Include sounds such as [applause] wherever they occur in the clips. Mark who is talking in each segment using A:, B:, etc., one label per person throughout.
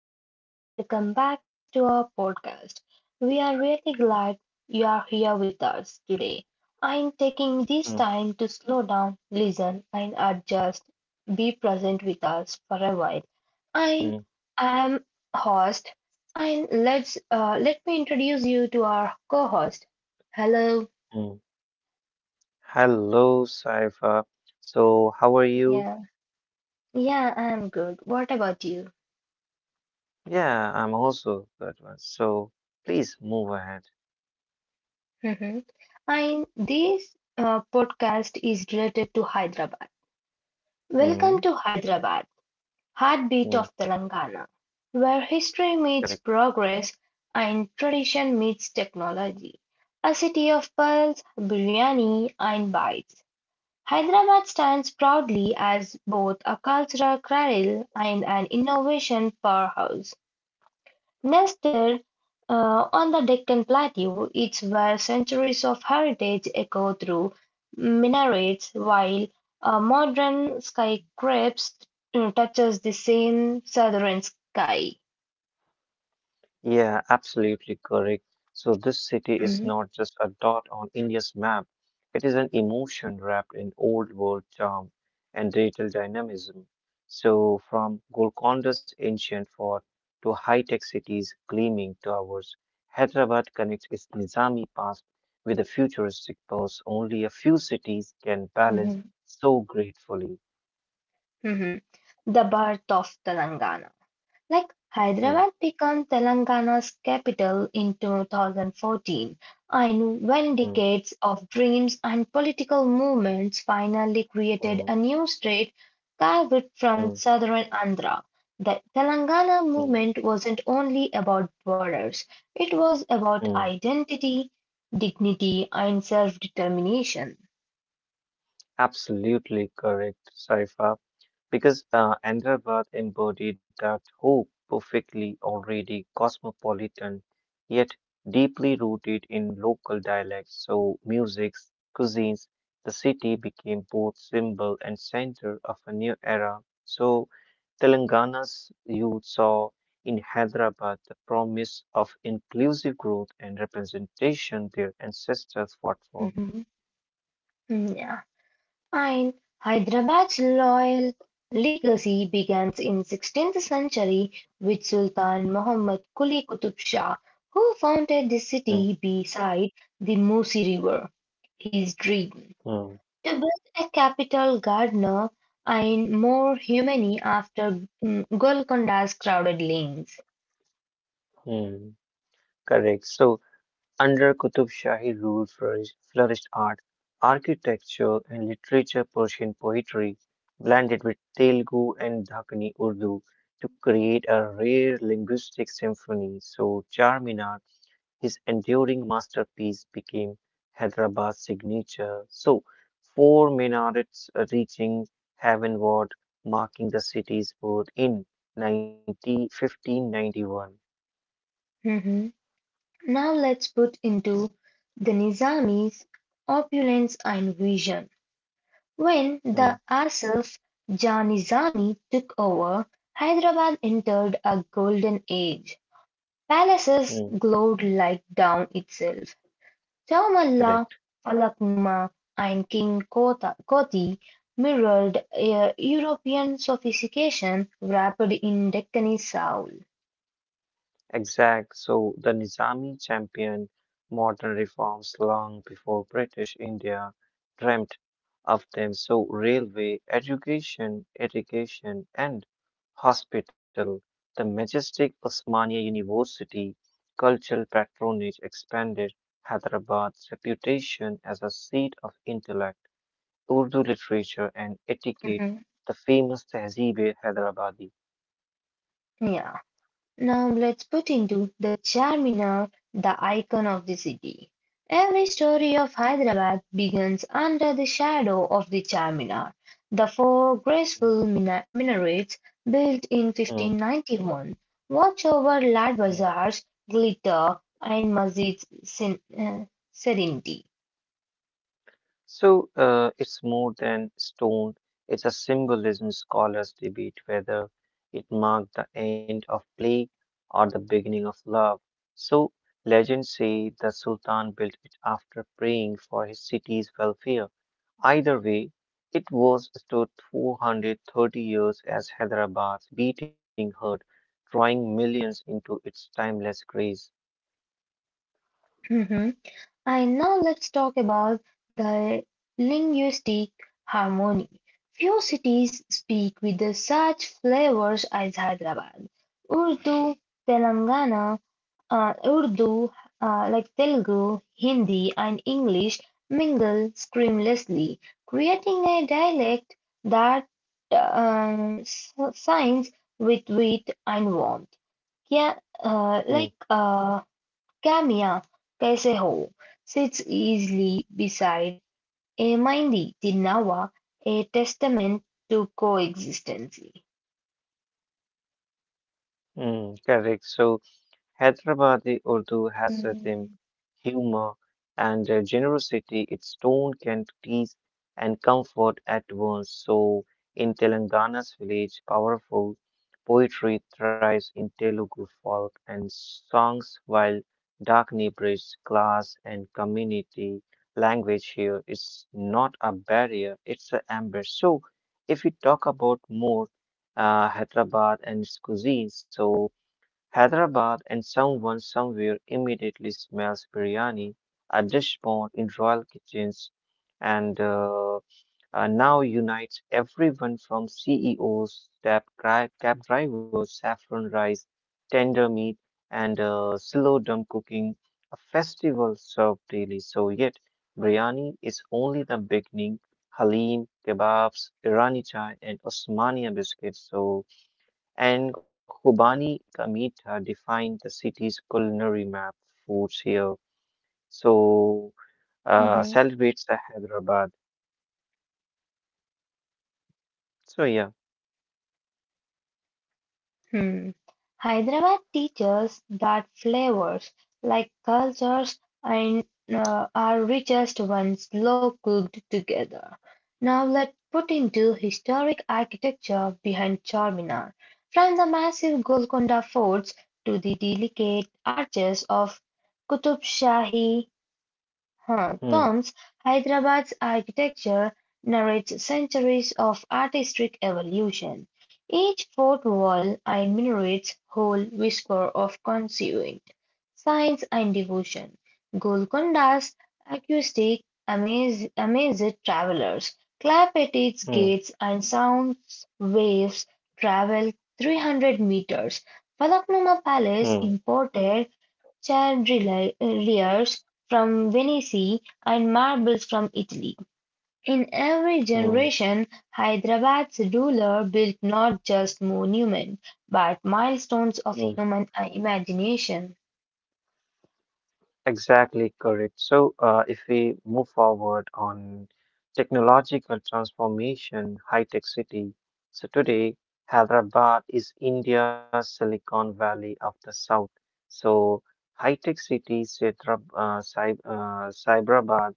A: everyone, and welcome back to our podcast. We are really glad you are here with us today. I am taking this
B: Mm,
A: time to slow down, listen, and adjust, be present with us for a while.
B: mm,
A: I am host, and let me introduce you to our co-host. Hello,
B: mm. Hello, Saifa. So, how are you?
A: yeah, yeah, I'm good. What about you?
B: Yeah, I'm also good one. So, please move ahead.
A: Mhm. [laughs] And this podcast is related to Hyderabad. Welcome to
B: Mm,
A: Hyderabad, heartbeat of
B: mm,
A: Telangana, where history meets
B: correct.
A: progress and tradition meets technology. A city of pearls, biryani, and bites. Hyderabad stands proudly as both a cultural cradle and an innovation powerhouse. Nested on the Deccan Plateau, it's where centuries of heritage echo through minarets, while a modern skyscraper touches the same southern sky.
B: Yeah, absolutely correct. So this city is
A: Mhm,
B: not just a dot on India's map. It is an emotion wrapped in old world charm and digital dynamism. So from Golconda's ancient fort to high-tech cities' gleaming towers, Hyderabad connects its Nizami past with a futuristic pulse only a few cities can
A: mhm,
B: balance so gratefully.
A: mhm. The birth of Telangana. Like
B: Mm,
A: Hyderabad became Telangana's capital in 2014, and when
B: mm,
A: decades of dreams and political movements finally created
B: mm,
A: a new state carved from
B: mm,
A: southern Andhra. The
B: mm,
A: Telangana
B: mm,
A: movement wasn't only about borders, it was about
B: mm.
A: identity, dignity, and self determination.
B: Absolutely correct, Saifa, because Ahmedabad embodied that hope perfectly, already cosmopolitan, yet deeply rooted in local dialects. So, musics, cuisines, the city became both symbol and center of a new era. So, Telangana's youth saw in Hyderabad the promise of inclusive growth and representation their ancestors fought for.
A: [laughs] Fine. Hyderabad's royal legacy begins in 16th century with Sultan Muhammad Quli Qutub Shah, who founded the
B: Mm,
A: city beside the Musi River. His dream
B: mm, mm,
A: to build a capital gardener and more humane after Golconda's crowded lanes.
B: mm. Correct. So, under Qutub Shahi rule flourished art, architecture, and literature, Persian poetry, blended with Telugu and Dakani Urdu to create a rare linguistic symphony. So, Charminar, his enduring masterpiece, became Hyderabad's signature. So, four minarets reaching heavenward, marking the city's birth in 1591.
A: Mhm. Now let's put into the Nizami's opulence and vision. When
B: Hmm,
A: the Asif Janizami took over, Hyderabad entered a golden age.
B: hmm,
A: Palaces glowed like down itself.
B: correct.
A: Chowmalla, Falaknuma, and King Koti mirrored European sophistication wrapped in Deccani soul.
B: Exact. So the Nizami championed modern reforms long before British India dreamt of them. So railway, education, irrigation, and hospital, the majestic Osmania University, cultural patronage expanded Hyderabad's reputation as a seat of intellect, Urdu literature, and etiquette.
A: Mhm.
B: The famous Tehzeeb-e Hyderabadi.
A: Yeah. Now let's put into the Charminar, the icon of the city. Every story of Hyderabad begins under the shadow of the Charminar, the four graceful minarets built in
B: Mm,
A: 1591. Watch over Lad Bazaar's glitter and Masjid's serenity.
B: so it's more than stone, it's a symbolism. Scholars debate whether it marked the end of plague or the beginning of love. So legends say the Sultan built it after praying for his city's welfare. Either way, it was stood 430 years as Hyderabad's beating heart, drawing millions into its timeless grace.
A: Mhm. And now let's talk about the linguistic harmony. Few cities speak with the such flavors as Hyderabad. Urdu, Telangana, Urdu, like Telugu, Hindi, and English mingle seamlessly, creating a dialect that shines with wit and warmth. Yeah,
B: Mm,
A: like Kamya, Kaise Ho, sits easily beside Emindi the Nava, a testament to coexistence.
B: mm, correct. So Hyderabadi Urdu has rhythm,
A: Mm-hmm.
B: humor, and a generosity its tone can tease and comfort at once. So, in Telangana's village, powerful poetry thrives in Telugu folk and songs, while Dakni bridges class and community. Language here is not a barrier; it's an amber. So, if we talk about more Hyderabad and its cuisine, so Hyderabad and someone somewhere immediately smells biryani, a dish born in royal kitchens, and now unites everyone from CEOs, cab drivers, saffron rice, tender meat, and slow dum cooking, a festival served daily. So, yet, biryani is only the beginning. Halim, kebabs, Irani chai, and Osmania biscuits. So, and Kobani Kamita defined the city's culinary map foods here. So celebrates the Hyderabad. So yeah,
A: Hmm. Hyderabad teaches that flavors, like cultures, and are richest when slow cooked together. Now let's put into historic architecture behind Charminar. From the massive Golconda forts to the delicate arches of Qutub Shahi Her
B: hmm,
A: poems, "Hyderabad's Architecture", narrates centuries of artistic evolution. Each fort wall enumerates whole whisper of conceived science and devotion. Golconda's acoustic amazed travellers, clap at its
B: hmm,
A: gates and sounds waves travel 300 metres. Falaknuma
B: hmm,
A: Palace imported chandeliers from Venice and marbles from Italy. In every
B: hmm,
A: generation, Hyderabad's ruler built not just monuments, but milestones
B: hmm.
A: of human imagination.
B: Exactly correct. So if we move forward on technological transformation, high-tech city. So today, Hyderabad is India's Silicon Valley of the South. So high-tech city, Cyberabad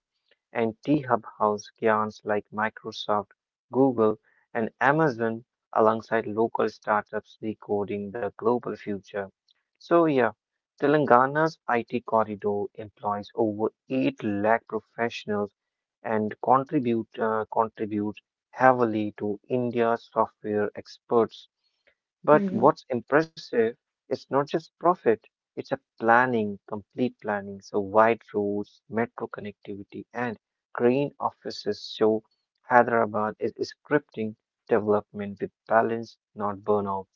B: and T-Hub house giants like Microsoft, Google, and Amazon alongside local startups recoding the global future. So yeah, Telangana's IT corridor employs over 8 lakh professionals and contributes heavily to India's software experts but
A: Hmm,
B: what's impressive is not just profit, it's a planning, complete planning. So wide roads, metro connectivity, and green offices show Hyderabad is scripting development with balance, not burnout.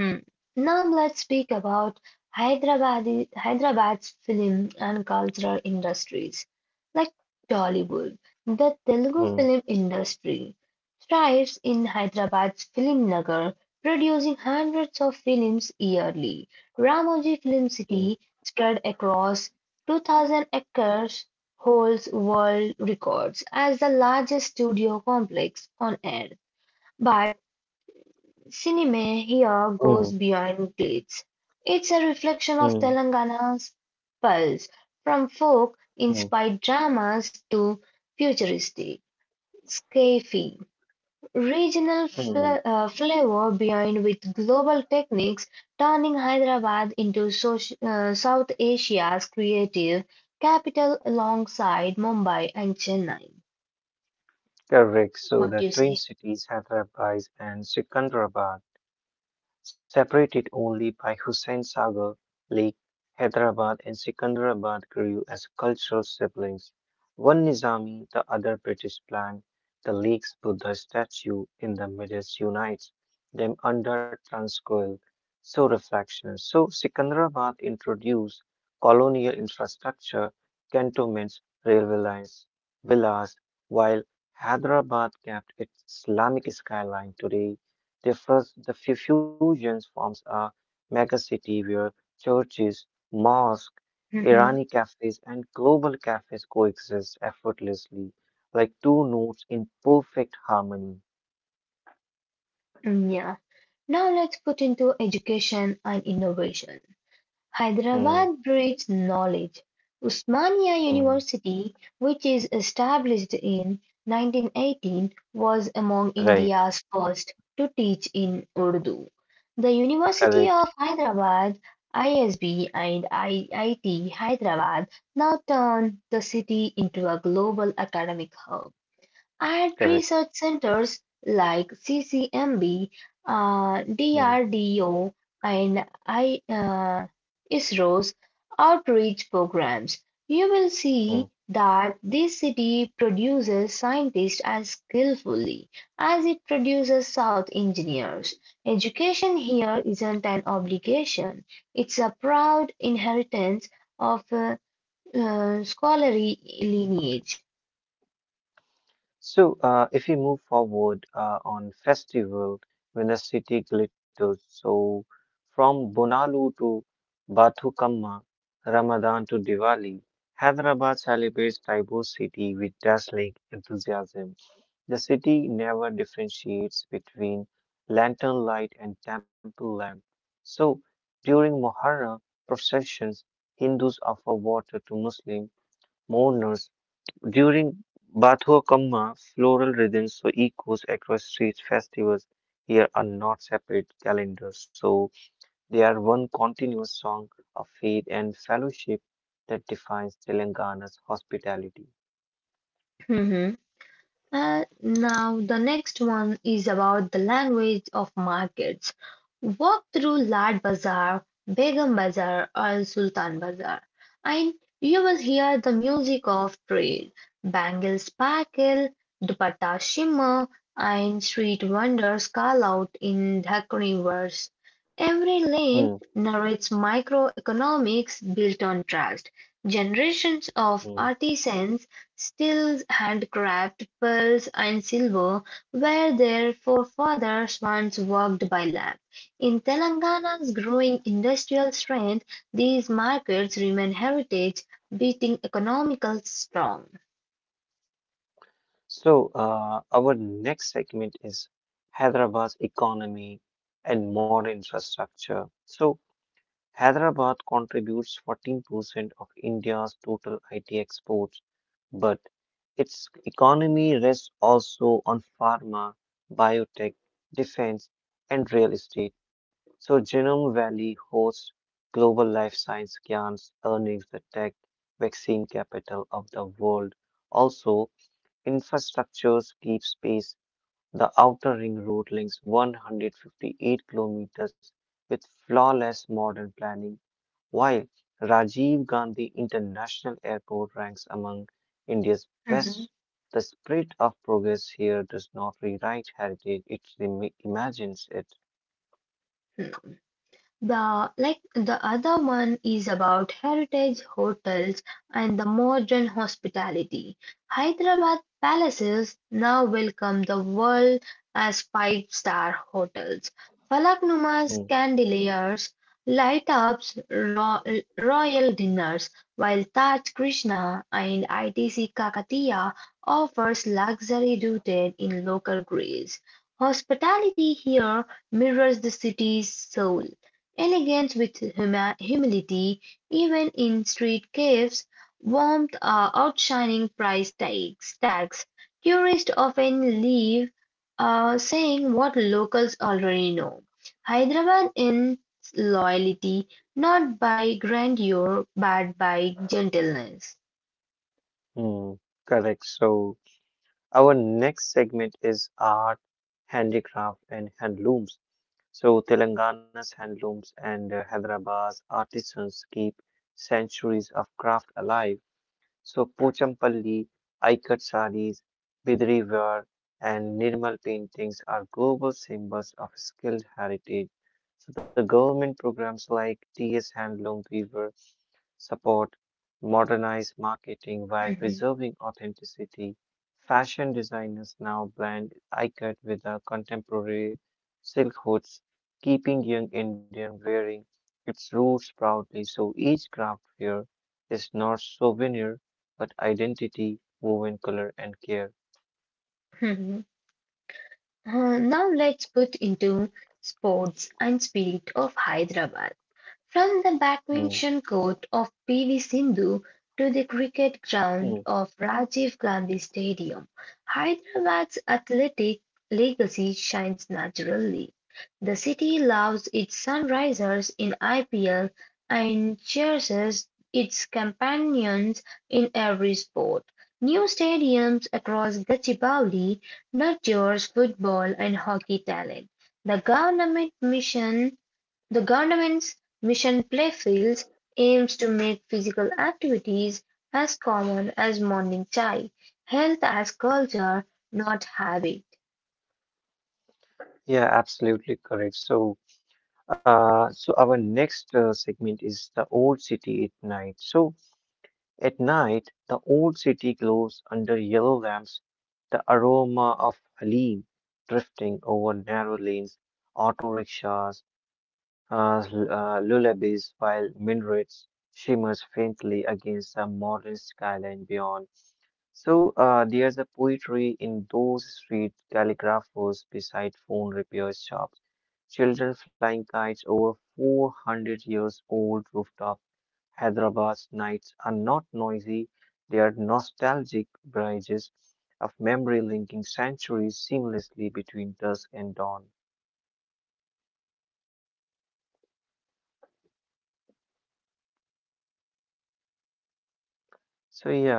A: hmm. Now let's speak about Hyderabad's film and cultural industries, like Tollywood. The Telugu
B: Mm,
A: film industry thrives in Hyderabad's film nagar, producing hundreds of films yearly. Ramoji Film
B: mm,
A: City, spread across 2,000 acres, holds world records as the largest studio complex on earth. But cinema here
B: mm,
A: goes beyond dates. It's a reflection
B: mm,
A: of Telangana's pulse, from
B: mm,
A: folk-inspired dramas to futuristic sci-fi, regional
B: mm.
A: flavor behind with global techniques, turning Hyderabad into South Asia's creative capital alongside Mumbai and Chennai.
B: Correct. So
A: What
B: the
A: do you
B: twin
A: say?
B: cities, Hyderabad and Secunderabad, separated only by Hussain Sagar Lake, Hyderabad and Secunderabad grew as cultural siblings. One Nizami, the other British planned. The lake's Buddha statue in the middle unites them under Transcoil, so reflections. So Secunderabad introduced colonial infrastructure, cantonments, railway lines, villas, while Hyderabad kept its Islamic skyline today the fusion forms a megacity where churches, mosques,
A: [laughs] Mhm.
B: Irani cafes, and global cafes coexist effortlessly, like two notes in perfect harmony.
A: Mm, yeah. Now let's put into education and innovation.
B: Hmm,
A: Hyderabad breeds knowledge. Usmania
B: hmm,
A: University, which is established in 1918, was among
B: right,
A: India's first to teach in Urdu. The University
B: correct,
A: of Hyderabad, ISB, and IIT Hyderabad now turn the city into a global academic hub. At
B: correct.
A: research centers like CCMB,
B: Hmm,
A: DRDO, and ISRO's outreach programs, you will see
B: hmm.
A: that this city produces scientists as skillfully as it produces South engineers. Education here isn't an obligation, it's a proud inheritance of scholarly lineage.
B: So, if we move forward on festival, when the city glitters, so from Bonalu to Bathukamma, Ramadan to Diwali, Hyderabad celebrates diverse city with dazzling enthusiasm. The city never differentiates between lantern light and temple lamp. So, during Muharram processions, Hindus offer water to Muslim mourners during Batho Kamma, floral rhythms so echoes across streets. Festivals here are not separate calendars, so they are one continuous song of faith and fellowship that defines Telangana's hospitality.
A: [laughs] Now, the next one is about the language of markets. Walk through Lad Bazaar, Begum Bazaar, or Sultan Bazaar, and you will hear the music of trade. Bangles sparkle, dupatta shimmer, and street vendors call out in decorative verse. Every
B: Hmm,
A: lane narrates microeconomics built on trust. Generations of
B: hmm.
A: artisans steel, handcraft, pearls and silver, were their forefathers once worked by lamp. In Telangana's growing industrial strength, these markets remain heritage beating economical strong.
B: So, our next segment is Hyderabad's economy and modern infrastructure. So, Hyderabad contributes 14% of India's total IT exports, but its economy rests also on pharma, biotech, defense, and real estate. So Genome Valley hosts global life science giants, earnings the tech vaccine capital of the world. Also, infrastructures keep pace. The outer ring road links 158 kilometers with flawless modern planning while Rajiv Gandhi International Airport ranks among India's
A: Mhm.
B: best, the spirit of progress here does not rewrite heritage, it re- imagines it.
A: The like the other one is about heritage hotels and the modern hospitality. Hyderabad palaces now welcome the world as five-star hotels. Falaknumas,
B: Mm,
A: candeliers, light ups, royal dinners, while Taj Krishna and ITC Kakatiya offers luxury rooted in local grace. Hospitality here mirrors the city's soul. Elegance with humility, even in street cafes, warmth are outshining price tags. Tourists often leave saying what locals already know. Hyderabad in loyalty, not by grandeur, but by gentleness.
B: mm, correct. So, our next segment is art, handicraft, and handlooms. So, Telangana's handlooms and Hyderabad's artisans keep centuries of craft alive. So Pochampalli, Aikat sarees, Bidri ware, and Nirmal paintings are global symbols of skilled heritage. So the government programs like TS Handloom Weaver support modernized marketing while
A: Mhm,
B: preserving authenticity. Fashion designers now blend ikat with the contemporary silk hoods, keeping young Indian wearing its roots proudly. So each craft here is not souvenir but identity woven color and care.
A: mhm. Now let's put into sports and spirit of Hyderabad. From the
B: Mm,
A: badminton court of PV Sindhu to the cricket ground
B: mm.
A: of Rajiv Gandhi Stadium, Hyderabad's athletic legacy shines naturally. The city loves its sunrisers in IPL and cheers its companions in every sport. New stadiums across Gachibowli nurtures football and hockey talent. The government mission the government's Mission Playfields aims to make physical activities as common as morning chai, health as culture, not habit.
B: Yeah, absolutely correct. So, our next segment is the old city at night. So, at night, the old city glows under yellow lamps, the aroma of halim drifting over narrow lanes, auto rickshaws, lullabies, while minarets shimmers faintly against the modern skyline beyond. So there's a poetry in those street calligraphers beside phone repair shops, children flying kites over 400 years old rooftop. Hyderabad's nights are not noisy, they are nostalgic bridges of memory linking centuries seamlessly between dusk and dawn. So yeah.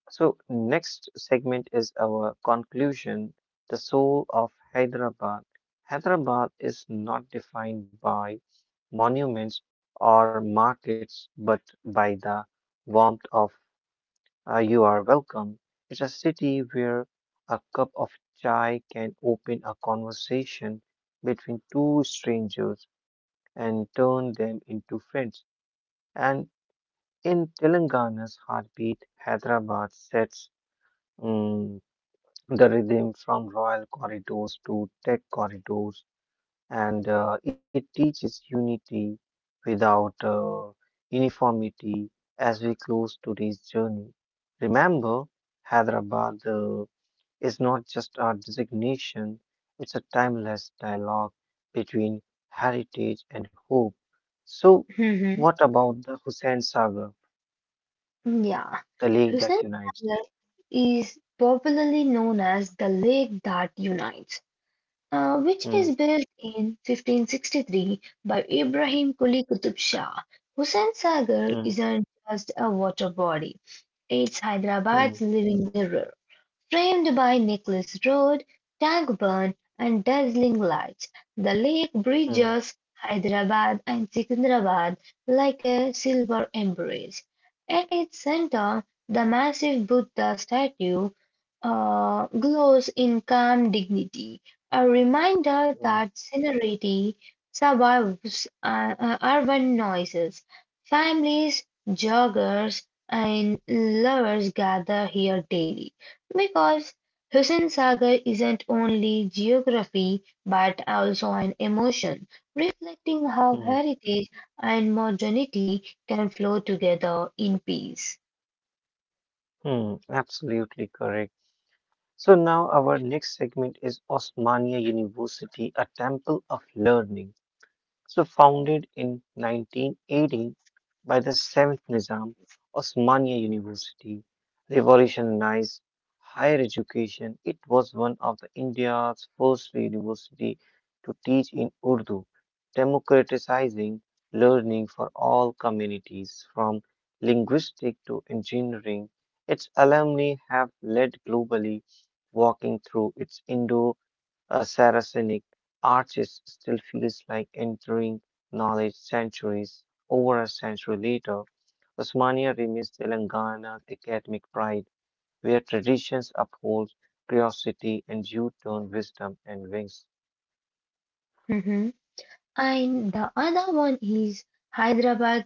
B: So, next segment is our conclusion, the soul of Hyderabad. Hyderabad is not defined by monuments or markets, but by the warmth of you are welcome. It's a city where a cup of chai can open a conversation between two strangers and turn them into friends. And in Telangana's heartbeat, Hyderabad sets mm, the rhythm from royal corridors to tech corridors, and it teaches unity without uniformity as we close today's journey. Remember, Hyderabad is not just a designation, it's a timeless dialogue between heritage and hope. So,
A: Hmm.
B: what about the Hussain Sagar,
A: Yeah.
B: the lake
A: Hussain
B: that unites?
A: Sagar is popularly known as the Lake That Unites, which is
B: Mm,
A: built in 1563 by Ibrahim Quli Qutub Shah. Hussain Sagar
B: mm,
A: isn't just a water body, it's Hyderabad's
B: mm,
A: living mirror. Framed by Nicholas Road, Tangburn and dazzling lights, the lake
B: mm,
A: bridges Hyderabad and Secunderabad like a silver embrace. At its center, the massive Buddha statue glows in calm dignity, a reminder that
B: mm,
A: serenity survives urban noises. Families, joggers, and lovers gather here daily, because Hussain Sagar isn't only geography but also an emotion, reflecting how
B: mm.
A: heritage and modernity can flow together in peace.
B: Hmm, absolutely correct. So now our next segment is Osmania University, a temple of learning. So founded in 1918 by the seventh Nizam, Osmania University revolutionized higher education. It was one of the India's first university to teach in Urdu, democratizing learning for all communities from linguistics to engineering. Its alumni have led globally, walking through its Indo Saracenic arches still feels like entering knowledge centuries. Over a century later, Osmania remains Telangana academic pride, where traditions uphold curiosity and you turn wisdom and wings.
A: [laughs] And the other one is Hyderabad's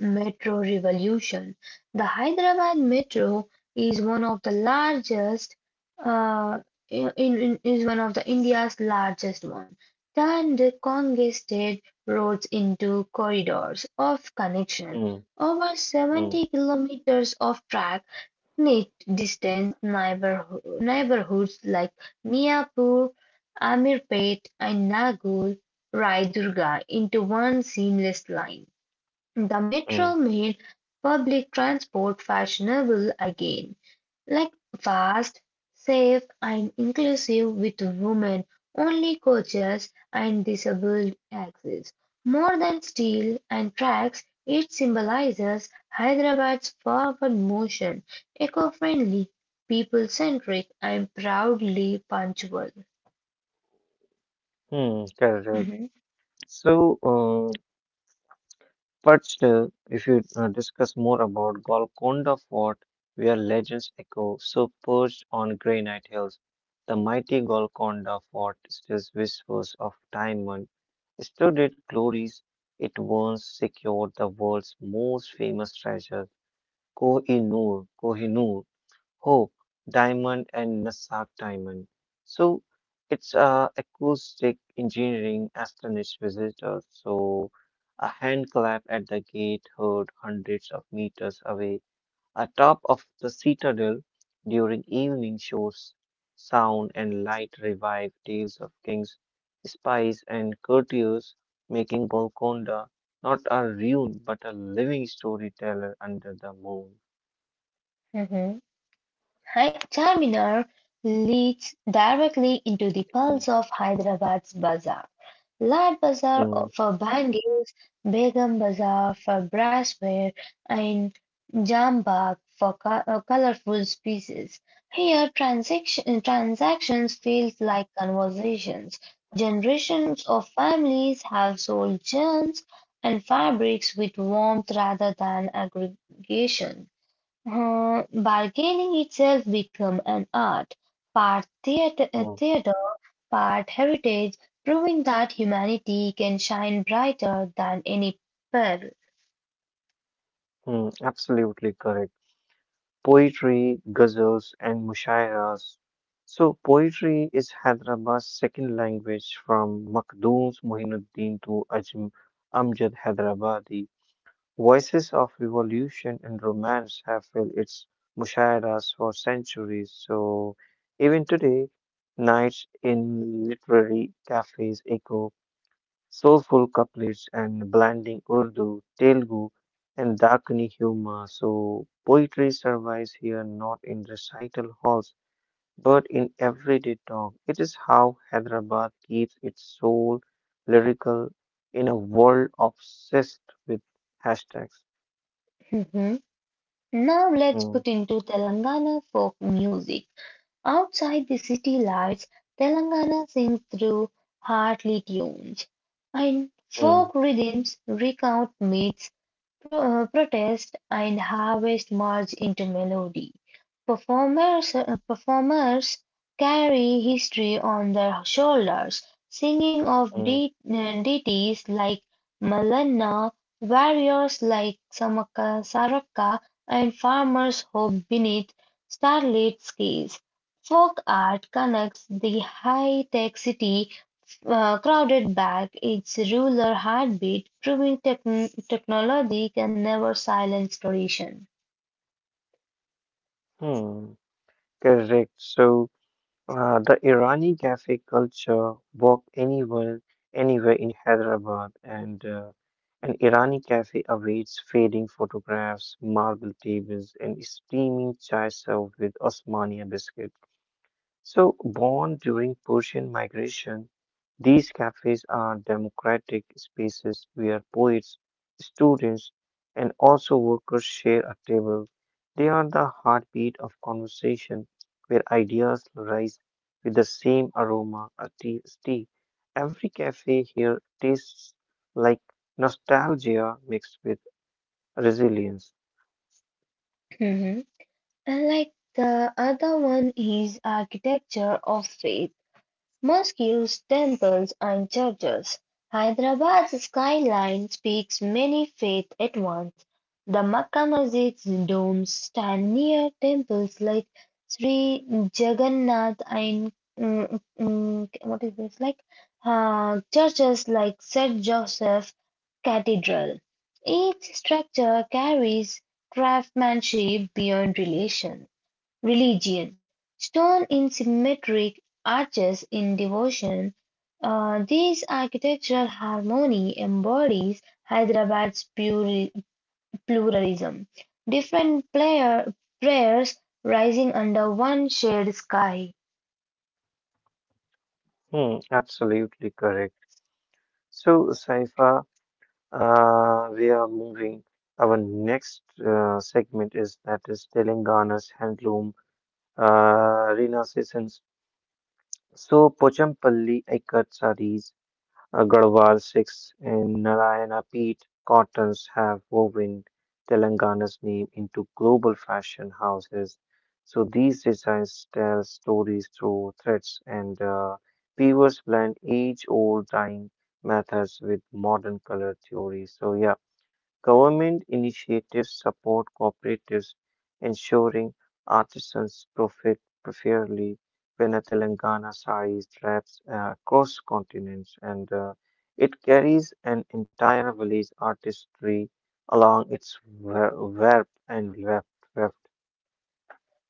A: metro revolution. The Hyderabad metro is one of the uh, is one of the India's largest one. Turned congested roads into corridors of connection.
B: Mm,
A: Over
B: mm,
A: 70 kilometers of track it distinct neighborhoods like Miapur, Amirpet, and Nagul Raidurga into one seamless line. The metro
B: mm,
A: made public transport fashionable again, like fast, safe, and inclusive, with women only coaches and disabled access. More than steel and tracks, it symbolizes Hyderabad's forward motion, eco friendly, people centric, and proudly punctual.
B: mm, correct. So, but still, if you discuss more about Golconda Fort, where legends echo, so perched on granite hills, the mighty Golconda Fort still whispers of time when studded glories it once secured the world's most famous treasure, koh i Koh-i-Noor. Hope Diamond and Nasak Diamond. So it's acoustic engineering astonished visitors. So a hand clap at the gate heard hundreds of meters away, atop of the citadel during evening shows. Sound and light revive tales of kings, spies, and courtiers, making Golconda not a ruin but a living storyteller under the moon.
A: Mm-hmm. Charminar leads directly into the
B: Mm,
A: pulse of Hyderabad's bazaar, Lad Bazaar
B: mm,
A: for bangles, Begum Bazaar for brassware, and Jambagh for colorful pieces. Here, transactions feel like conversations. Generations of families have sold gems and fabrics with warmth rather than aggregation. Bargaining itself become an art, part theater, uh,
B: mm.
A: theater, part heritage, proving that humanity can shine brighter than any pearl. [laughs]
B: Hmm, absolutely correct. Poetry, ghazals, and mushairas. So, poetry is Hyderabad's second language from Makhdoom's Mohinuddin to Ajm Amjad Hyderabadi. Voices of revolution and romance have filled its mushairas for centuries. So, even today, nights in literary cafes echo soulful couplets and blending Urdu, Telugu, and Dakini humor. So poetry survives here not in recital halls but in everyday talk. It is how Hyderabad keeps its soul lyrical in a world obsessed with hashtags.
A: Mhm. Now let's
B: Mm,
A: put into Telangana folk music. Outside the city lights, Telangana sings through heartly tunes, and folk
B: mm,
A: rhythms recount myths, protest, and harvest merge into melody. Performers carry history on their shoulders, singing of
B: mm,
A: deities like Malanna, warriors like Samaka, Saraka, and farmers hope beneath starlit skies. Folk art connects the high-tech city, crowded back its rural heartbeat, proving technology can never silence tradition.
B: mm. Correct. So the Irani cafe culture walk anywhere in Hyderabad, and an Irani cafe awaits fading photographs, marble tables, and steaming chai served with Osmania biscuits. So, born during Persian migration, these cafes are democratic spaces where poets, students, and also workers share a table. They are the heartbeat of conversation where ideas rise with the same aroma as tea. Every cafe here tastes like nostalgia mixed with resilience.
A: Mhm. And like the other one is architecture of space. Mosques, temples and churches. Hyderabad's skyline speaks many faiths at once. The Makka Masjid's domes stand near temples like Sri Jagannath and what is this, like churches like St. Joseph Cathedral. Each structure carries craftsmanship beyond relation. Religion: stone in symmetric arches in devotion. This architectural harmony embodies Hyderabad's pluralism. Different prayers rising under one shared sky.
B: Hmm, absolutely correct. So, Saifa, we are moving. Our next segment is that is Telangana's handloom renaissance. So Pochampalli Ikat sarees, Garhwal silks, and Narayana Peat cottons have woven Telangana's name into global fashion houses. So these designs tell stories through threads, and weavers blend age-old dyeing methods with modern color theory. So yeah. Government initiatives support cooperatives, ensuring artisans profit fairly. When a Telangana sari travels across continents and it carries an entire village artistry along its verb and weft. Left.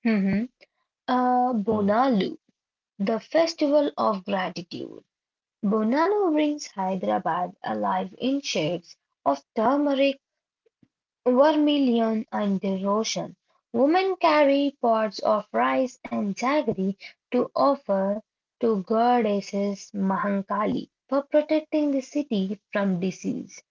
A: Mhm.
B: Mm,
A: Bonalu, the festival of gratitude. Bonalu brings Hyderabad alive in shades of turmeric Vermilion and devotion. Women carry pots of rice and jaggery to offer to goddesses Mahankali for protecting the city from disease.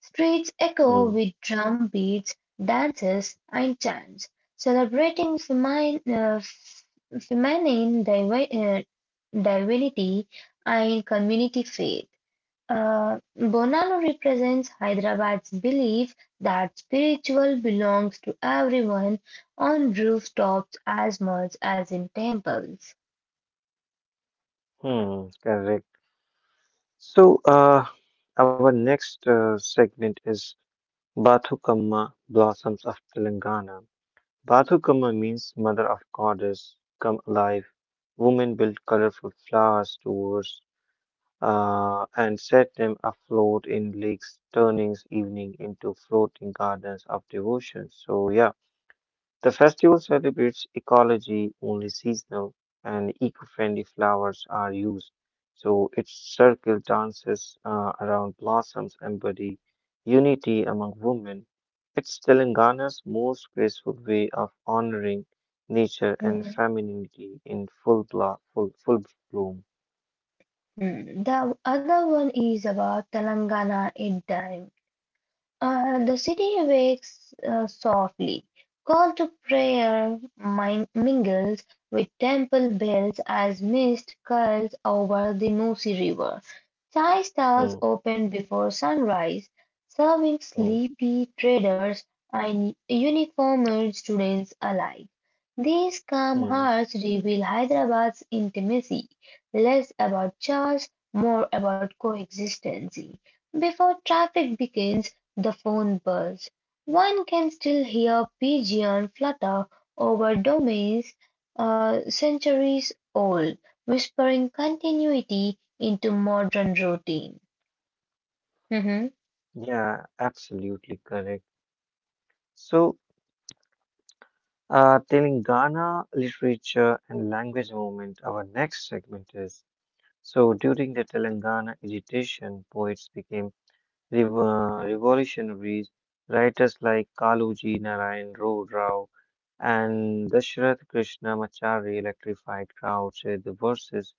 A: Streets echo
B: mm,
A: with drum beats, dances, and chants, celebrating feminine divinity and community faith. Bonanno represents Hyderabad's belief that spiritual belongs to everyone on rooftops as much as in temples.
B: mm, correct. So, our next segment is Bathukamma Blossoms of Telangana. Bathukama means mother of goddess, come alive. Women build colorful flower stores and set them afloat in lakes, turning evening into floating gardens of devotion. So, yeah, the festival celebrates ecology, only seasonal and eco friendly flowers are used. So, its circle dances around blossoms embody unity among women. It's Telangana's most graceful way of honoring nature and
A: Mhm.
B: femininity in full bloom.
A: Hmm. The other one is about Telangana at time. The city awakes softly. Call to prayer mingles with temple bells as mist curls over the Musi river. Chai
B: Mm,
A: stalls open before sunrise, serving
B: mm,
A: sleepy traders and uniformed students alike. These calm
B: mm.
A: hearts reveal Hyderabad's intimacy, less about charge, more about coexistence. Before traffic begins, the phone buzz. One can still hear pigeons flutter over domains centuries old, whispering continuity into modern routine. Mhm.
B: Yeah, absolutely correct. So, Telangana literature and language movement, our next segment is. So, during the Telangana agitation, poets became revolutionaries, writers like Kaluji, Narayan Rao, and Dashrath Krishnamacharya electrified crowds with the verses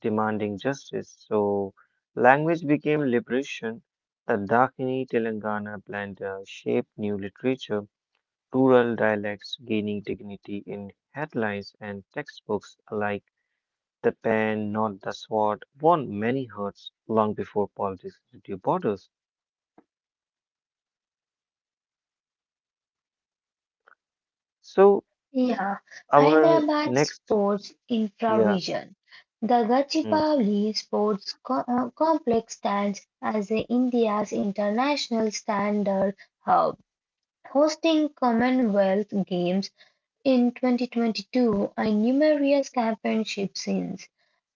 B: demanding justice. So, language became liberation. The Dakini Telangana blend shaped new literature, rural dialects gaining dignity in headlines and textbooks alike. The pen, not the sword, won many hearts long before politics drew borders. So,
A: Yeah,
B: our
A: Hyderabad
B: next,
A: Sports
B: yeah,
A: Infravision. The
B: mm,
A: Gachibowli Sports Complex stands as the India's international standard hub, hosting Commonwealth Games In 2022 and numerous championship since,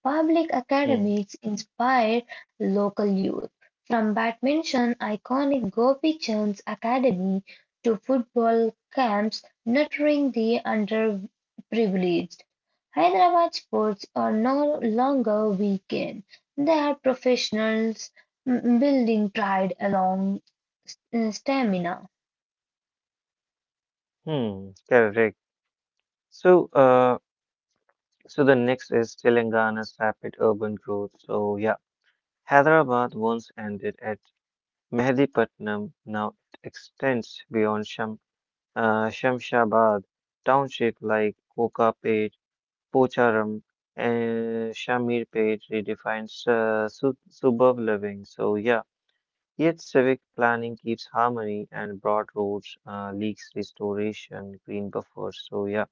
A: public
B: mm,
A: academies inspired local youth. From badminton iconic Gopi Chand's Academy to football camps nurturing the underprivileged. Hyderabad sports are no longer weekend. They are professionals, building pride along, stamina.
B: correct. So, so the next is Telangana's rapid urban growth. So, yeah, Hyderabad once ended at Mehedipatnam, now it extends beyond Shamshabad, township like Kokapet, Pocharam, and Shamirpet redefines sub suburb living. So, yeah. Yet civic planning keeps harmony and broad roads, leaks restoration, green buffers. So yeah,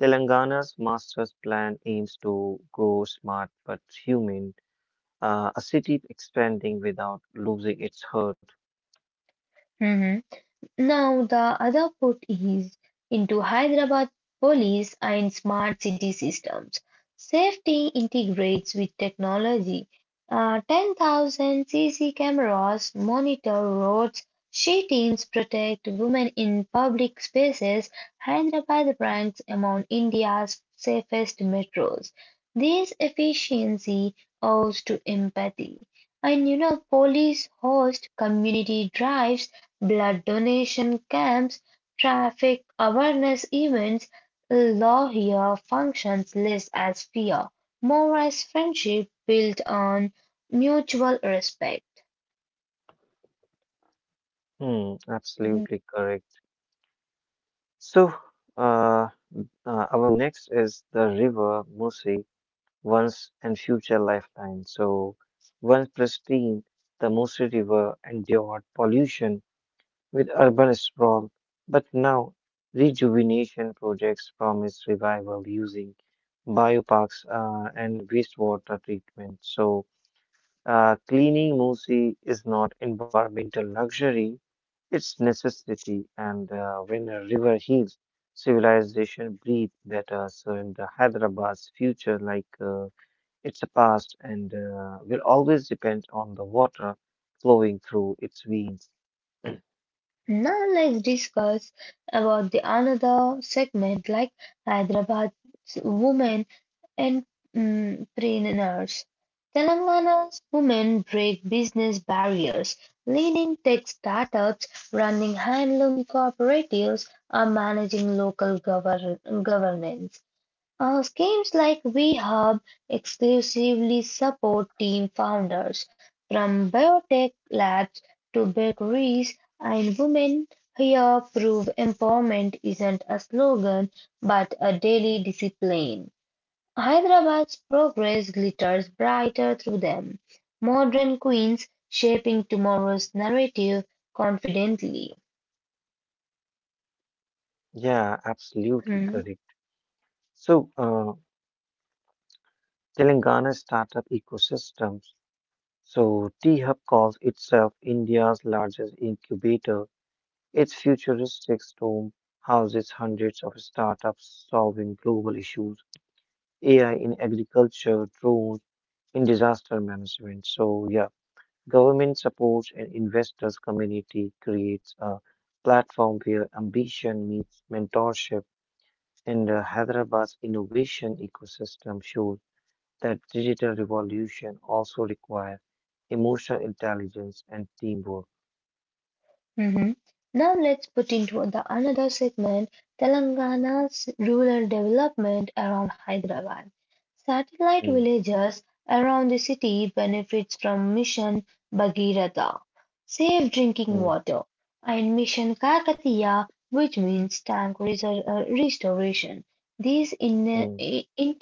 B: Telangana's master's plan aims to grow smart but human, a city expanding without losing its heart.
A: Mhm. Now the other put is into Hyderabad police and smart city systems. Safety integrates with technology. Uh, 10,000 CC cameras monitor roads. She teams protect women in public spaces. Hyderabad ranks among India's safest metros. This efficiency owes to empathy. And you know, police host community drives, blood donation camps, traffic awareness events, lawyer functions less as fear, more as friendship built on mutual respect.
B: Hmm, absolutely correct. So uh, our next is the river Musi, once and future lifetime. So once pristine, the Musi River endured pollution with urban sprawl, but now rejuvenation projects promise revival using bioparks and wastewater treatment. So, cleaning Musi is not environmental luxury, it's necessity. And when a river heals, civilization breathes better. So, in the Hyderabad's future, like it's a past, and will always depend on the water flowing through its veins.
A: Now let's discuss about the another segment like Hyderabad's women and entrepreneurs. Telangana's women break business barriers, leading tech startups, running handloom cooperatives, or managing local governance. Schemes like WeHub exclusively support team founders, from biotech labs to bakeries, and women here prove empowerment isn't a slogan but a daily discipline. Hyderabad's progress glitters brighter through them. Modern queens shaping tomorrow's narrative confidently.
B: Yeah, absolutely
A: Hmm,
B: correct. So, Telangana startup ecosystems. So, T-Hub calls itself India's largest incubator. Its futuristic dome houses hundreds of startups solving global issues. AI in agriculture, drones in disaster management. So yeah, government supports and investors community creates a platform where ambition meets mentorship and Hyderabad's innovation ecosystem shows that digital revolution also requires emotional intelligence and teamwork.
A: mhm. Now let's put into the another segment Telangana's rural development around Hyderabad. Satellite
B: Mm,
A: villages around the city benefits from Mission Bhagirath, safe drinking
B: mm,
A: water, and Mission Kakatiya, which means tank restoration. These in,
B: mm,
A: in,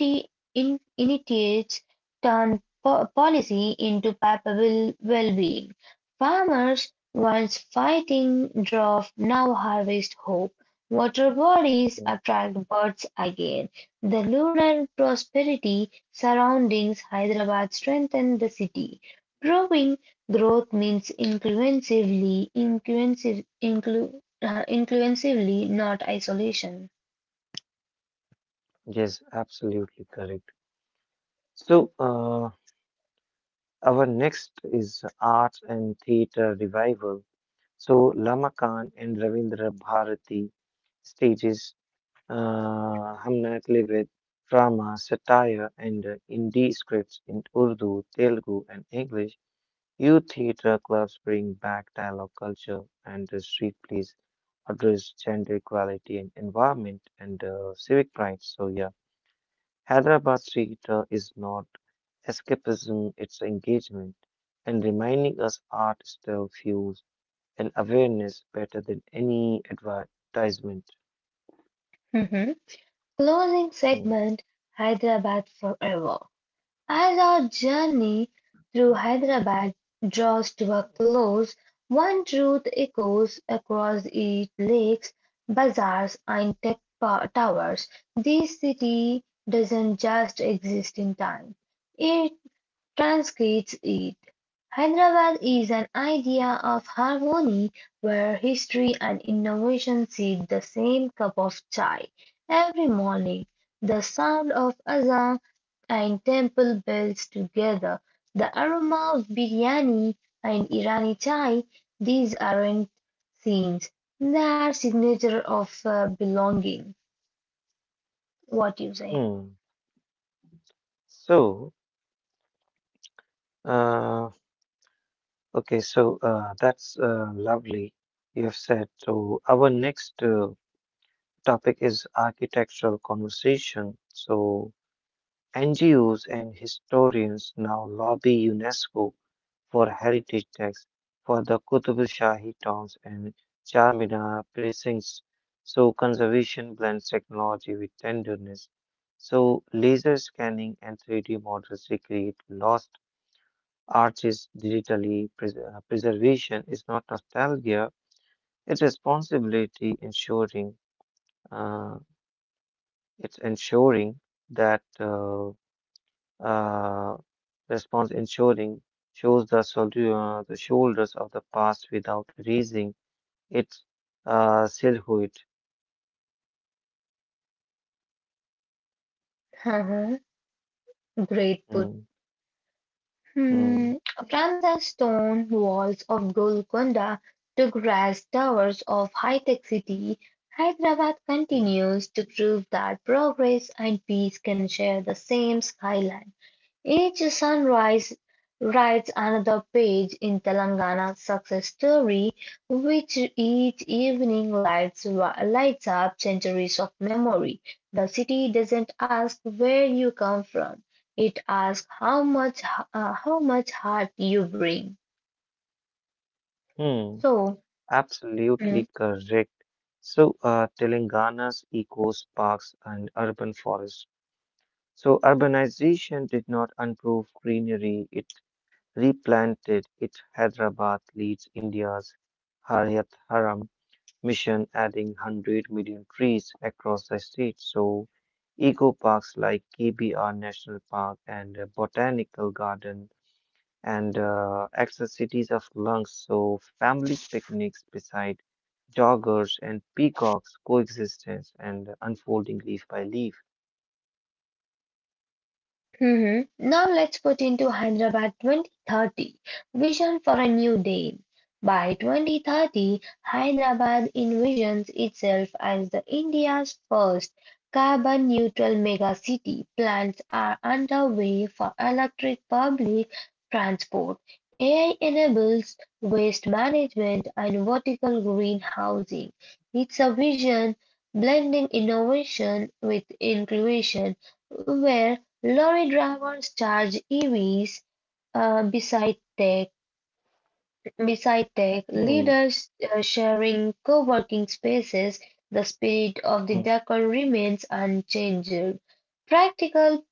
A: in, initiates turn policy into palpable well-being. Farmers once fighting drought now harvest hope, water bodies
B: mm.
A: attract birds again. The lunar prosperity surroundings Hyderabad strengthened the city, proving growth means inclusively, not isolation.
B: Yes, absolutely correct. So, our next is arts and theater revival. So Lama Khan and Ravindra Bharati stages Hamnatli with drama, satire, and indie scripts in Urdu, Telugu, and English. Youth theatre clubs bring back dialogue culture, and the street plays address gender equality and environment and civic rights. So yeah, Hyderabad theatre is not escapism; it's engagement, and reminding us art still fuels and awareness better than any advertisement.
A: Mhm. Closing
B: Mm.
A: segment Hyderabad forever. As our journey through Hyderabad draws to a close, one truth echoes across its lakes, bazaars, and tech towers. This city doesn't just exist in time, it transcends it. Hyderabad is an idea of harmony where history and innovation seek the same cup of chai. Every morning, the sound of azan and temple bells together, the aroma of biryani and Irani chai, these aren't scenes. They are signature of belonging. What you say?
B: Hmm. So, uh, that's lovely. You have said. So, our next topic is architectural conversation. So, NGOs and historians now lobby UNESCO for heritage tax for the Qutb Shahi towns and Charminar precincts. So conservation blends technology with tenderness. So laser scanning and 3D models recreate lost arches digitally. Preservation is not nostalgia; it's responsibility ensuring uh, it's ensuring that. Uh, response ensuring shows the shoulders of the past without erasing its silhouette.
A: [laughs] Great put.
B: Mm, mm,
A: Hmm, from the stone walls of Golconda to grass towers of high-tech city, Hyderabad
B: mm,
A: continues to prove that progress and peace can share the same skyline. Each sunrise writes another page in Telangana's success story, which each evening lights up centuries of memory. The city doesn't ask where you come from. It asks how much heart you bring.
B: mm.
A: So, mm,
B: Absolutely correct. So, Telangana's eco parks and urban forests. So, urbanization did not improve greenery, it replanted it. Hyderabad leads India's Harayat Haram mission, adding 100 million trees across the state. So, eco parks like KBR National Park and Botanical Garden and accessities of lungs. So, families picnics beside joggers and peacocks coexistence and unfolding leaf by leaf.
A: mhm. Now let's put into Hyderabad 2030 vision for a new day. By 2030, Hyderabad envisions itself as the India's first carbon neutral mega city. Plans are underway for electric public transport, AI enables waste management and vertical green housing. It's a vision blending innovation with inclusion where Lorry drivers charge EVs uh, beside tech, beside tech
B: Hmm.
A: leaders sharing co-working spaces. The spirit of
B: hmm.
A: the decor remains unchanged. Practical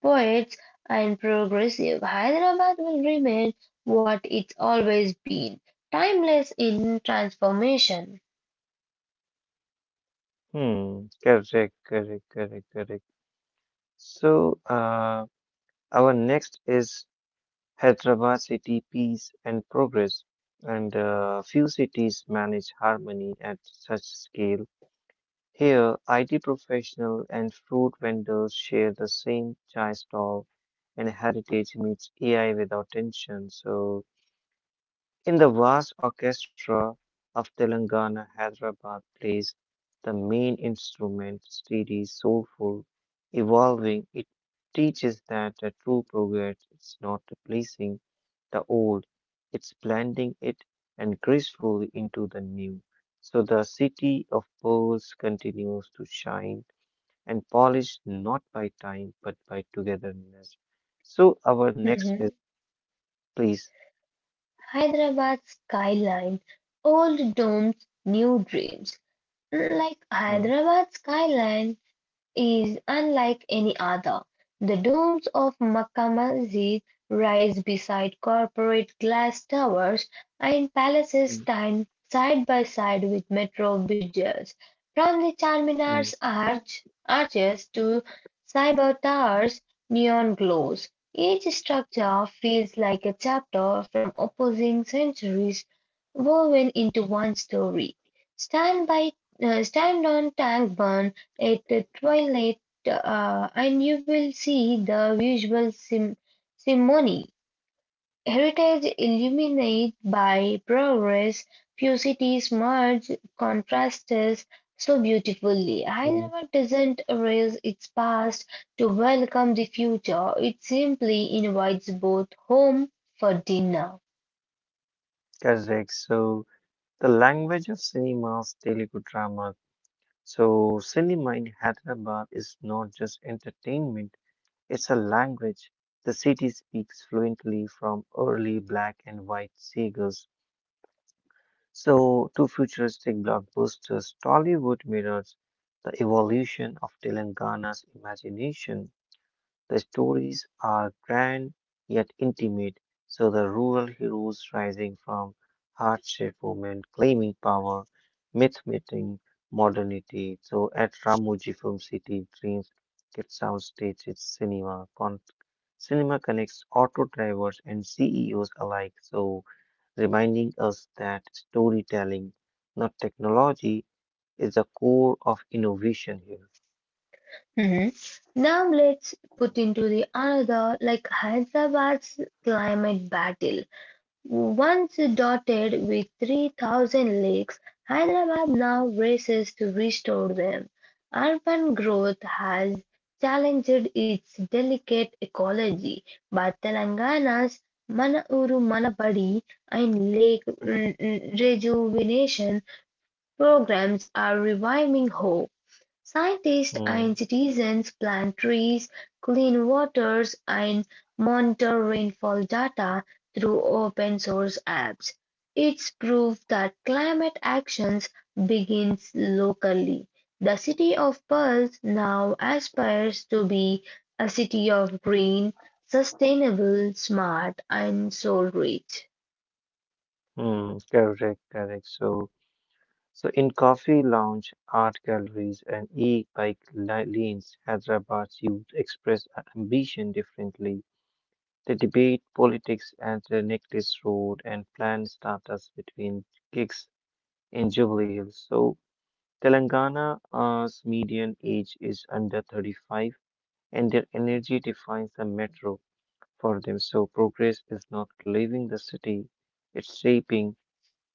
A: poets and progressive Hyderabad will remain what it's always been, timeless in transformation.
B: Correct, correct, correct, correct. So, our next is Hyderabad city peace and progress, and few cities manage harmony at such scale. Here, IT professional and fruit vendors share the same chai stall, and heritage meets AI without tension. So in the vast orchestra of Telangana, Hyderabad plays the main instrument, steady, soulful, evolving. It teaches that the true progress is not replacing the old, it's blending it and gracefully into the new. So the city of pearls continues to shine and polish not by time but by togetherness. So our next is,
A: Mhm.
B: please.
A: Hyderabad skyline, old domes, new dreams. Like
B: Mm,
A: Hyderabad skyline is unlike any other. The domes of Makkah Masjid rise beside corporate glass towers and palaces
B: mm,
A: stand side by side with metro bridges. From the
B: mm,
A: Charminar's arches to cyber towers, neon glows. Each structure feels like a chapter from opposing centuries woven into one story. Stand by, stand on Tank Burn at the twilight, uh, and you will see the usual ceremony. Heritage illuminated by progress, few cities merge contrasts so beautifully.
B: mm.
A: Hyderabad doesn't erase its past to welcome the future, it simply invites both home for dinner.
B: Correct. So the language of cinema's Telugu drama. So cinema in Hyderabad is not just entertainment, it's a language. The city speaks fluently from early black and white seagulls. So to futuristic blockbusters, Tollywood mirrors the evolution of Telangana's imagination. The stories are grand yet intimate, so the rural heroes rising from hardship, women claiming power, myth meeting modernity. So at Ramoji Film City, dreams get soundstage, it's cinema. Cinema connects auto drivers and CEOs alike, so reminding us that storytelling, not technology, is the core of innovation here.
A: Mhm. Now let's put into the another like Hyderabad's climate battle. Once dotted with 3,000 lakes, Hyderabad now races to restore them. Urban growth has challenged its delicate ecology, but Telangana's Mana Uru Mana Badi and lake
B: Mm,
A: rejuvenation programs are reviving hope. Scientists and
B: mm,
A: citizens plant trees, clean waters, and monitor rainfall data through open source apps. It's proof that climate actions begins locally. The city of Pulse now aspires to be a city of green, sustainable, smart, and soul rich.
B: correct, correct. So in coffee lounge, art galleries, and lanes, Hyderabad's youth express ambition differently. They debate politics at the Necklace Road and plan startups between gigs in Jubilee Hills. So Telangana's median age is under 35, and their energy defines the metro for them. So progress is not leaving the city; it's shaping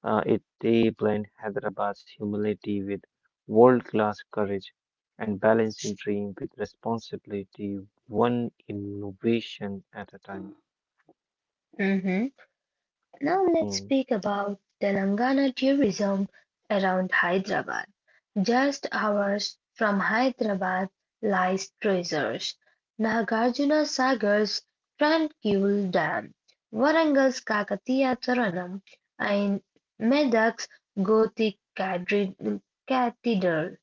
B: uh, it, they blend Hyderabad's humility with world-class courage and balancing dream with responsibility, one innovation at a time.
A: Mhm. Now let's speak
B: Mm,
A: about Telangana tourism around Hyderabad. Just hours from Hyderabad lies treasures Nagarjuna Sagar's tranquil dam, Varangal's Kakatiya Thoranam, and Medak's Gothic cathedral.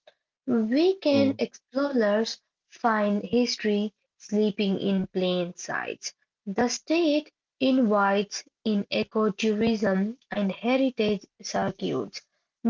A: Weekend
B: mm,
A: explorers find history sleeping in plain sight. The state invites in ecotourism and heritage circuits.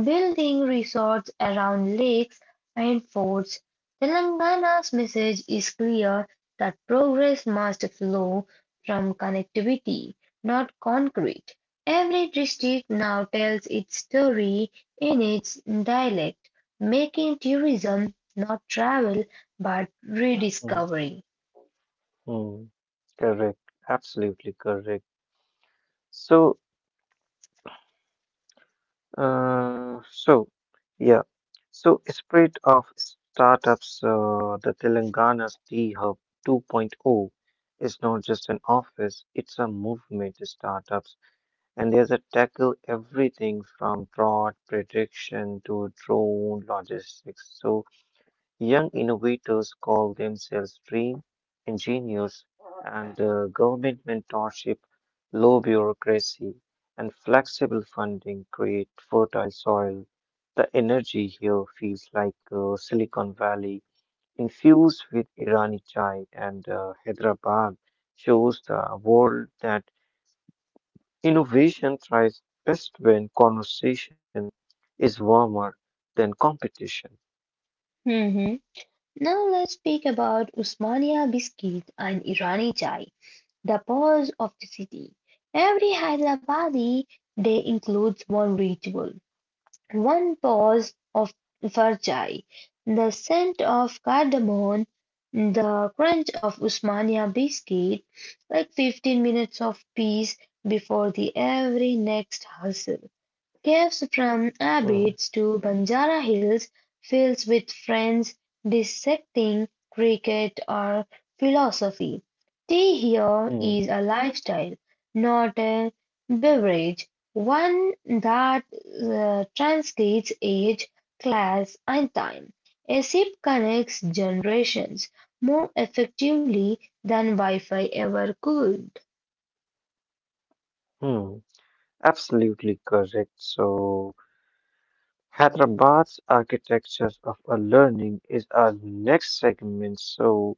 A: Building resorts around lakes and forts, Telangana's message is clear that progress must flow from connectivity, not concrete. Every district now tells its story in its dialect, making tourism not travel but
B: mm,
A: rediscovery.
B: mm. Correct, absolutely correct. So, uh, so yeah, so spirit of startups, the Telangana's D Hub 2.0 is not just an office; it's a movement. Startups and there's a tackle everything from fraud prediction to drone logistics. So young innovators call themselves dream engineers, and government mentorship, low bureaucracy, and flexible funding create fertile soil. The energy here feels like Silicon Valley infused with Irani chai, and Hyderabad shows the world that innovation thrives best when conversation is warmer than competition.
A: Mhm. Now let's speak about Usmania biscuit and Irani chai, the pulse of the city. Every Hyderabadi day includes one ritual, one pause of farchai, the scent of cardamom, the crunch of Usmania biscuit, like 15 minutes of peace before the every next hustle. Caves from
B: Mm.
A: Abbots to Banjara Hills, fields with friends dissecting cricket or philosophy. Tea here
B: Hmm.
A: is a lifestyle, not a beverage, one that transcends age, class, and time. A sip connects generations more effectively than Wi Fi ever could.
B: Hmm. Absolutely correct. So, Hyderabad's architecture of a learning is our next segment. So,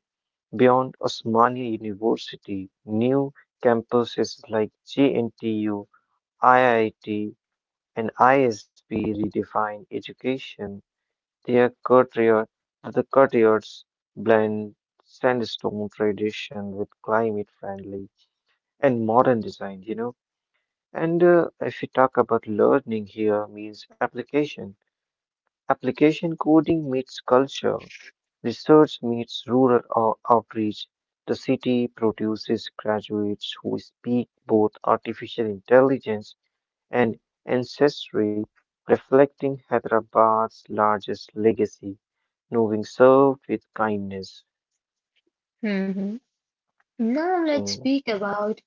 B: beyond Osmania University, new campuses like GNTU, IIT, and ISB redefine education. Their courtyard, the courtyards blend sandstone tradition with climate-friendly and modern design, you know. And if you talk about learning here means application. Application coding meets culture, research meets outreach. The city produces graduates who speak both artificial intelligence and ancestry, reflecting Hyderabad's largest legacy, moving served with kindness.
A: Mhm. Now let's
B: Mm,
A: speak about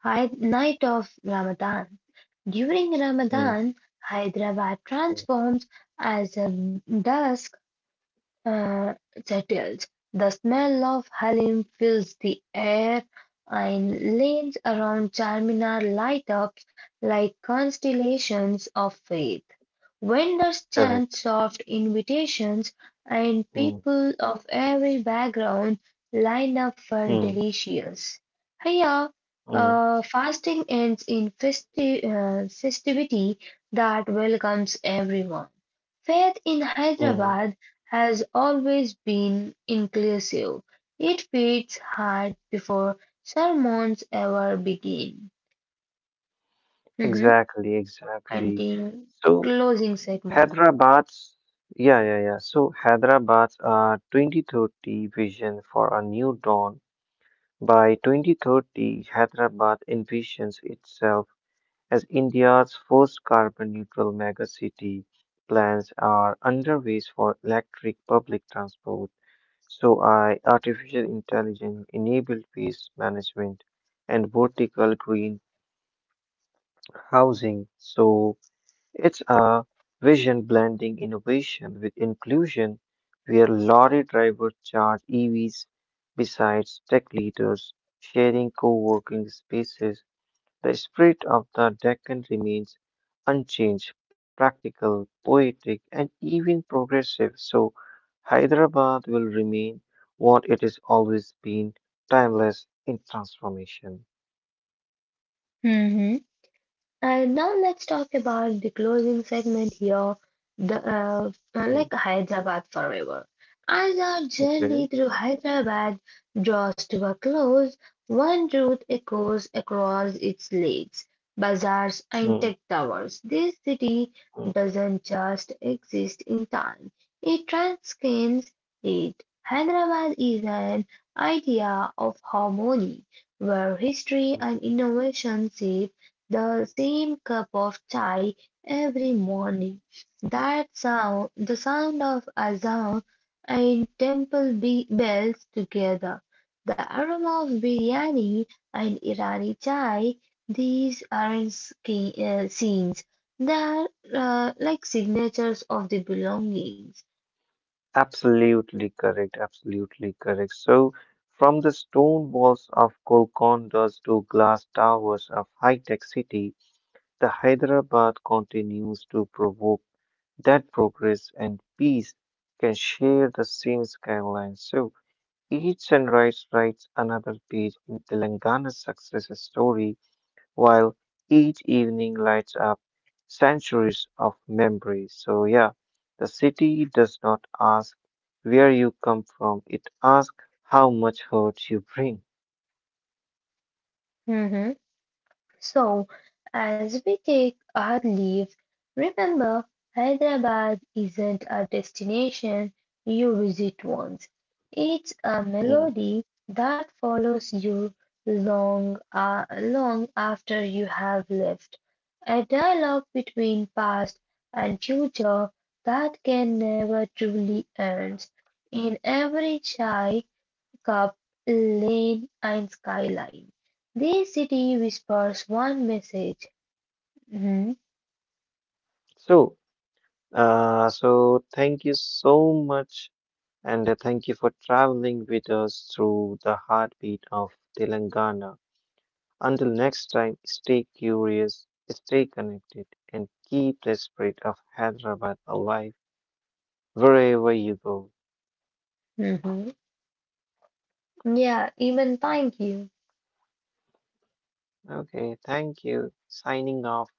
A: Night of Ramadan. During
B: mm,
A: Ramadan, Hyderabad
B: mm,
A: transforms as a dusk uh, settles. The smell of halim fills the air and lanes around Charminar light up like constellations of faith. Vendors chant
B: correct.
A: soft invitations and
B: Mm,
A: people of every background line up
B: mm,
A: for delicious. Here,
B: mm,
A: fasting ends in festivity that welcomes everyone. Faith in
B: mm.
A: Hyderabad has always been inclusive. It feeds hard before sermons ever begin. Mhm.
B: Exactly, exactly.
A: Continue.
B: So
A: Closing segment.
B: Hyderabad's yeah, yeah, yeah. So Hyderabad's 2030 vision for a new dawn. By 2030, Hyderabad envisions itself as India's first carbon neutral megacity. Plans are underway for electric public transport, so I artificial intelligence enabled waste management and vertical green housing. So it's a vision blending innovation with inclusion where lorry drivers charge EVs besides tech leaders sharing co-working spaces. The spirit of the Deccan remains unchanged, practical, poetic, and even progressive, so Hyderabad will remain what it has always been, timeless in transformation.
A: Mhm. And now let's talk about the closing segment here, the like
B: Mm,
A: Hyderabad forever. As our
B: Okay.
A: journey through Hyderabad draws to a close, one route echoes across its lakes, bazaars, and tech
B: Mm,
A: towers. This city
B: mm.
A: doesn't just exist in time; it transcends it. Hyderabad is an idea of harmony, where history and innovation sit the same cup of chai every morning. That sound, the sound of azan and temple bells together, the aroma of biryani and Irani chai, these aren't scenes. They are like signatures of the belongings.
B: Absolutely correct. Absolutely correct. So, from the stone walls of Golcondas to glass towers of high-tech city, the Hyderabad continues to provoke that progress and peace can share the same skyline. So each sunrise writes another page in Telangana's success story, while each evening lights up centuries of memories. So yeah, the city does not ask where you come from; it asks how much hurt you bring.
A: Mhm. So, as we take our leave, remember Hyderabad isn't a destination you visit once. It's a
B: Mm.
A: melody that follows you long after you have left. A dialogue between past and future that can never truly end. In every chai, cup lane and skyline. This city whispers one message. Mhm,
B: So, thank you so much and thank you for traveling with us through the heartbeat of Telangana. Until next time, stay curious, stay connected, and keep the spirit of Hyderabad alive wherever you go.
A: mhm. Yeah, even thank you.
B: Okay, thank you. Signing off.